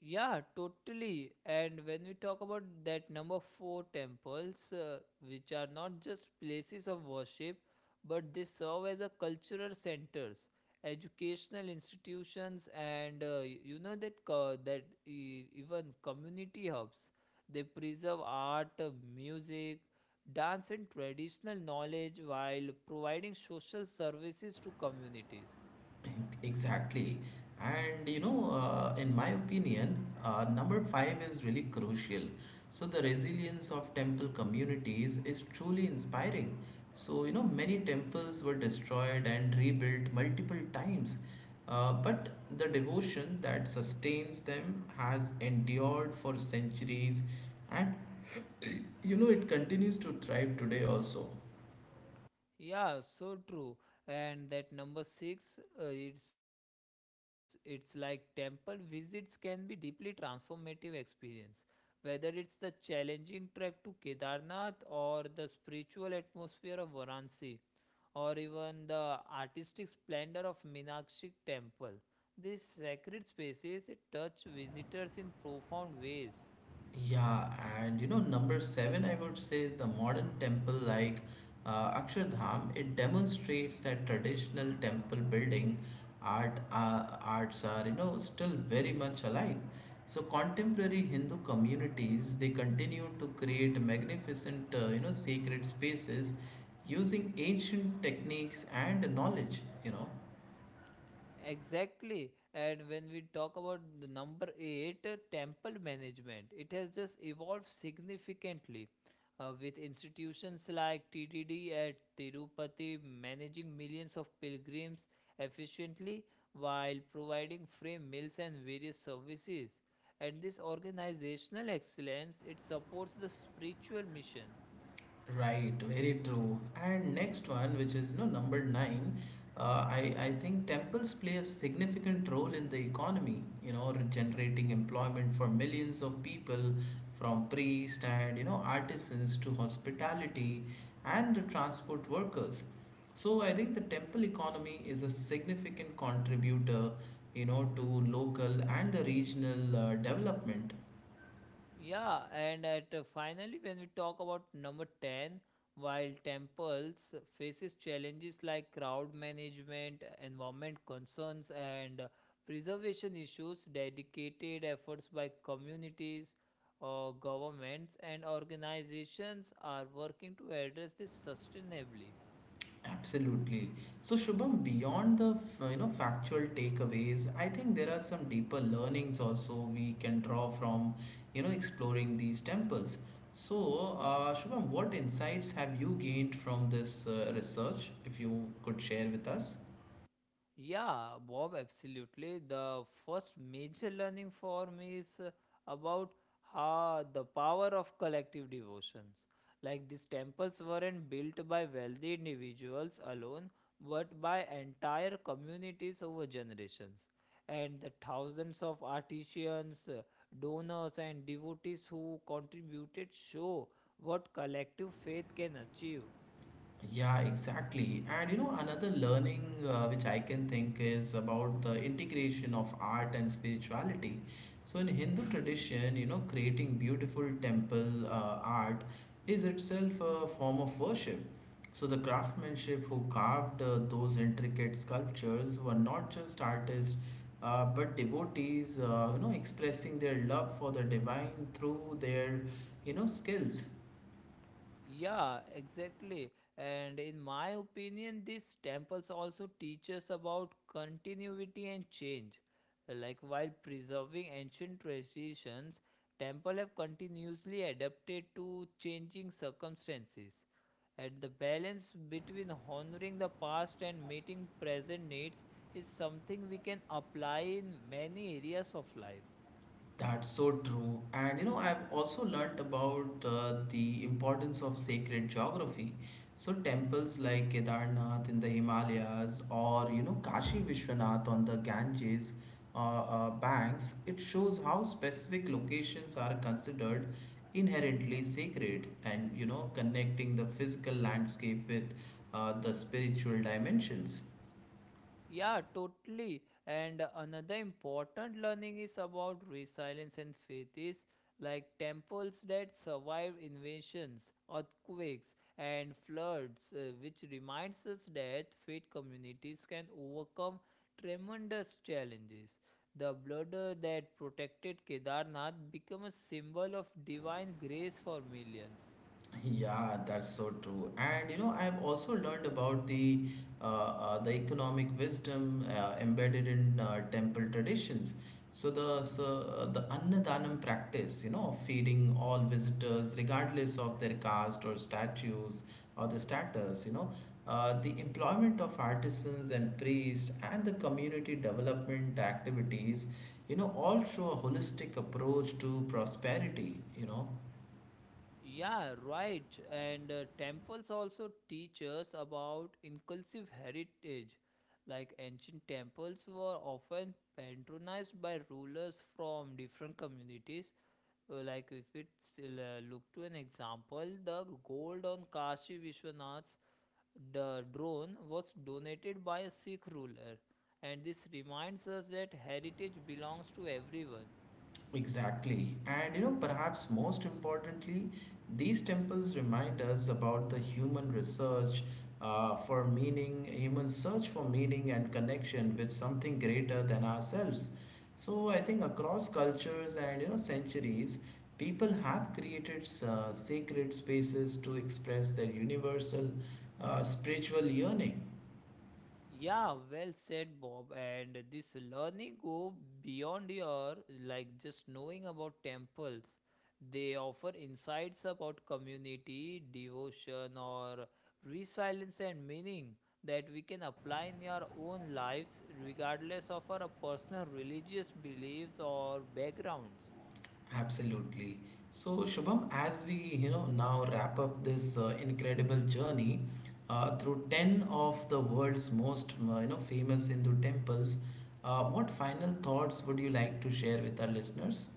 S2: Yeah, totally. And when we talk about that number four temples, which are not just places of worship, but they serve as a cultural centers, educational institutions, and y- you know that co- that e- even community hubs. They preserve art, music, dance, and traditional knowledge while providing social services to communities.
S1: Exactly. In my opinion, number five is really crucial. So, the resilience of temple communities is truly inspiring. So, you know, many temples were destroyed and rebuilt multiple times, but the devotion that sustains them has endured for centuries and you know, it continues to thrive today also.
S2: Yeah, so true. And that number six, it's like temple visits can be deeply transformative experience. Whether it's the challenging trek to Kedarnath or the spiritual atmosphere of Varanasi or even the artistic splendor of Minakshi temple. These sacred spaces touch visitors in profound ways.
S1: Yeah, and you know, number seven, I would say the modern temple like Akshardham, it demonstrates that traditional temple building arts are you know still very much alive. So contemporary Hindu communities they continue to create magnificent you know sacred spaces using ancient techniques and knowledge. You know.
S2: Exactly. And when we talk about the number eight, temple management, it has just evolved significantly with institutions like TTD at Tirupati managing millions of pilgrims efficiently while providing free meals and various services. And this organizational excellence, it supports the spiritual mission.
S1: Right, very true. And next one, which is no number nine, I think temples play a significant role in the economy. You know, generating employment for millions of people, from priests and you know artisans to hospitality and the transport workers. So I think the temple economy is a significant contributor, you know, to local and the regional development.
S2: Yeah, and at finally, when we talk about number 10, while temples faces challenges like crowd management, environment concerns, and preservation issues, dedicated efforts by communities, governments, and organizations are working to address this sustainably.
S1: Absolutely. So Shubham, beyond the you know factual takeaways, I think there are some deeper learnings also we can draw from you know exploring these temples. So Shubham, what insights have you gained from this research? If you could share with us.
S2: Yeah, Bob, absolutely. The first major learning for me is about how the power of collective devotions. Like these temples weren't built by wealthy individuals alone, but by entire communities over generations. And the thousands of artisans, donors, and devotees who contributed show what collective faith can achieve.
S1: Yeah, exactly. And you know, another learning which I can think is about the integration of art and spirituality. So, in Hindu tradition, you know, creating beautiful temple art is itself a form of worship. So, the craftsmanship who carved those intricate sculptures were not just artists, but devotees, you know, expressing their love for the divine through their, you know, skills.
S2: Yeah, exactly. And in my opinion, these temples also teach us about continuity and change. Like while preserving ancient traditions, temple have continuously adapted to changing circumstances. And the balance between honoring the past and meeting present needs is something we can apply in many areas of life.
S1: That's so true. And you know, I've also learnt about the importance of sacred geography. So, temples like Kedarnath in the Himalayas or you know, Kashi Vishwanath on the Ganges banks, it shows how specific locations are considered inherently sacred and you know, connecting the physical landscape with the spiritual dimensions.
S2: Yeah, totally. And another important learning is about resilience and faith is like temples that survive invasions, earthquakes, and floods, which reminds us that faith communities can overcome tremendous challenges. The border that protected Kedarnath became a symbol of divine grace for millions.
S1: Yeah, that's so true. And you know, I've also learned about the the economic wisdom embedded in temple traditions. So the Annadanam practice, you know, of feeding all visitors regardless of their caste or statues or the status, you know, the employment of artisans and priests and the community development activities, you know, all show a holistic approach to prosperity, you know.
S2: Yeah, right. And temples also teach us about inclusive heritage. Like ancient temples were often patronized by rulers from different communities. Like if we look to an example, the gold on Kashi Vishwanath's the drone was donated by a Sikh ruler, and this reminds us that heritage belongs to everyone.
S1: Exactly. And you know, perhaps most importantly, these temples remind us about the human research for meaning, human search for meaning and connection with something greater than ourselves. So I think across cultures and you know centuries, people have created sacred spaces to express their universal spiritual yearning.
S2: Yeah, well said, Bob. And this learning go beyond your like just knowing about temples. They offer insights about community, devotion, or resilience and meaning that we can apply in our own lives, regardless of our personal religious beliefs or backgrounds.
S1: Absolutely. So, Shubham, as we you know now wrap up this incredible journey through ten of the world's most you know famous Hindu temples, what final thoughts would you like to share with our listeners?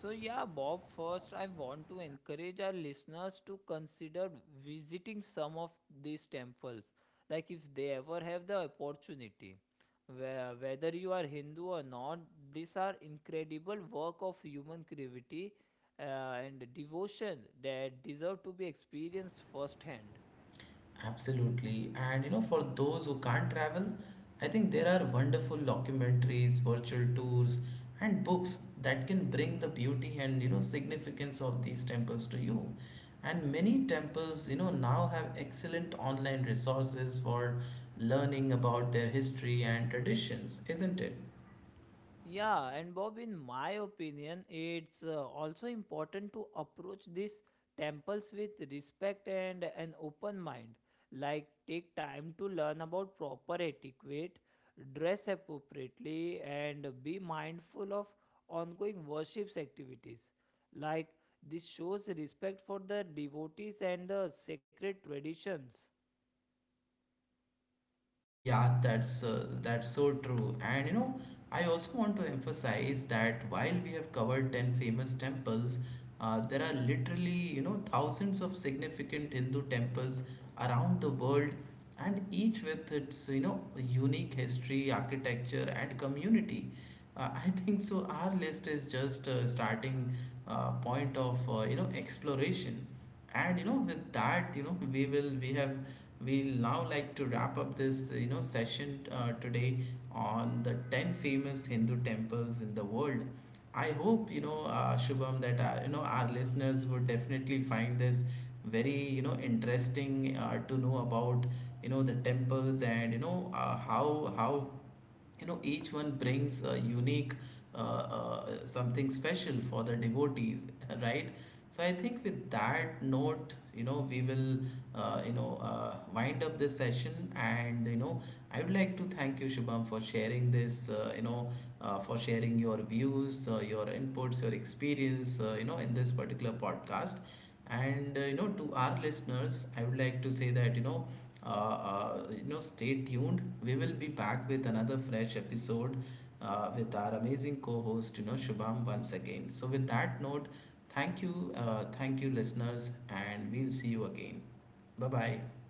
S2: So, yeah, Bob, first I want to encourage our listeners to consider visiting some of these temples, like if they ever have the opportunity. Where, whether you are Hindu or not, these are incredible work of human creativity uh, and devotion that deserve to be experienced firsthand.
S1: Absolutely. And you know, for those who can't travel, I think there are wonderful documentaries, virtual tours, and books that can bring the beauty and you know significance of these temples to you. And many temples, you know, now have excellent online resources for learning about their history and traditions, isn't it?
S2: Yeah, and Bob, in my opinion, it's also important to approach these temples with respect and an open mind. Like, take time to learn about proper etiquette, dress appropriately, and be mindful of ongoing worship's activities. Like, this shows respect for the devotees and the sacred traditions.
S1: Yeah, that's so true. And you know, I also want to emphasize that while we have covered 10 famous temples, there are literally, you know, thousands of significant Hindu temples around the world, and each with its, you know, unique history, architecture, and community. I think so our list is just a starting point of, you know, exploration and you know with that you know we will we have we'll now like to wrap up this you know session today on the 10 famous Hindu temples in the world. I hope you know Shubham that you know our listeners would definitely find this very you know interesting to know about you know the temples and you know uh, how how you know each one brings a unique something special for the devotees right. So I think with that note you know we will wind up this session and you know I would like to thank you Shubham for sharing this for sharing your views your inputs your experience you know in this particular podcast. And you know to our listeners I would like to say that you know stay tuned. We will be back with another fresh episode with our amazing co-host you know Shubham once again. So with that note thank you listeners and we'll see you again. Bye bye.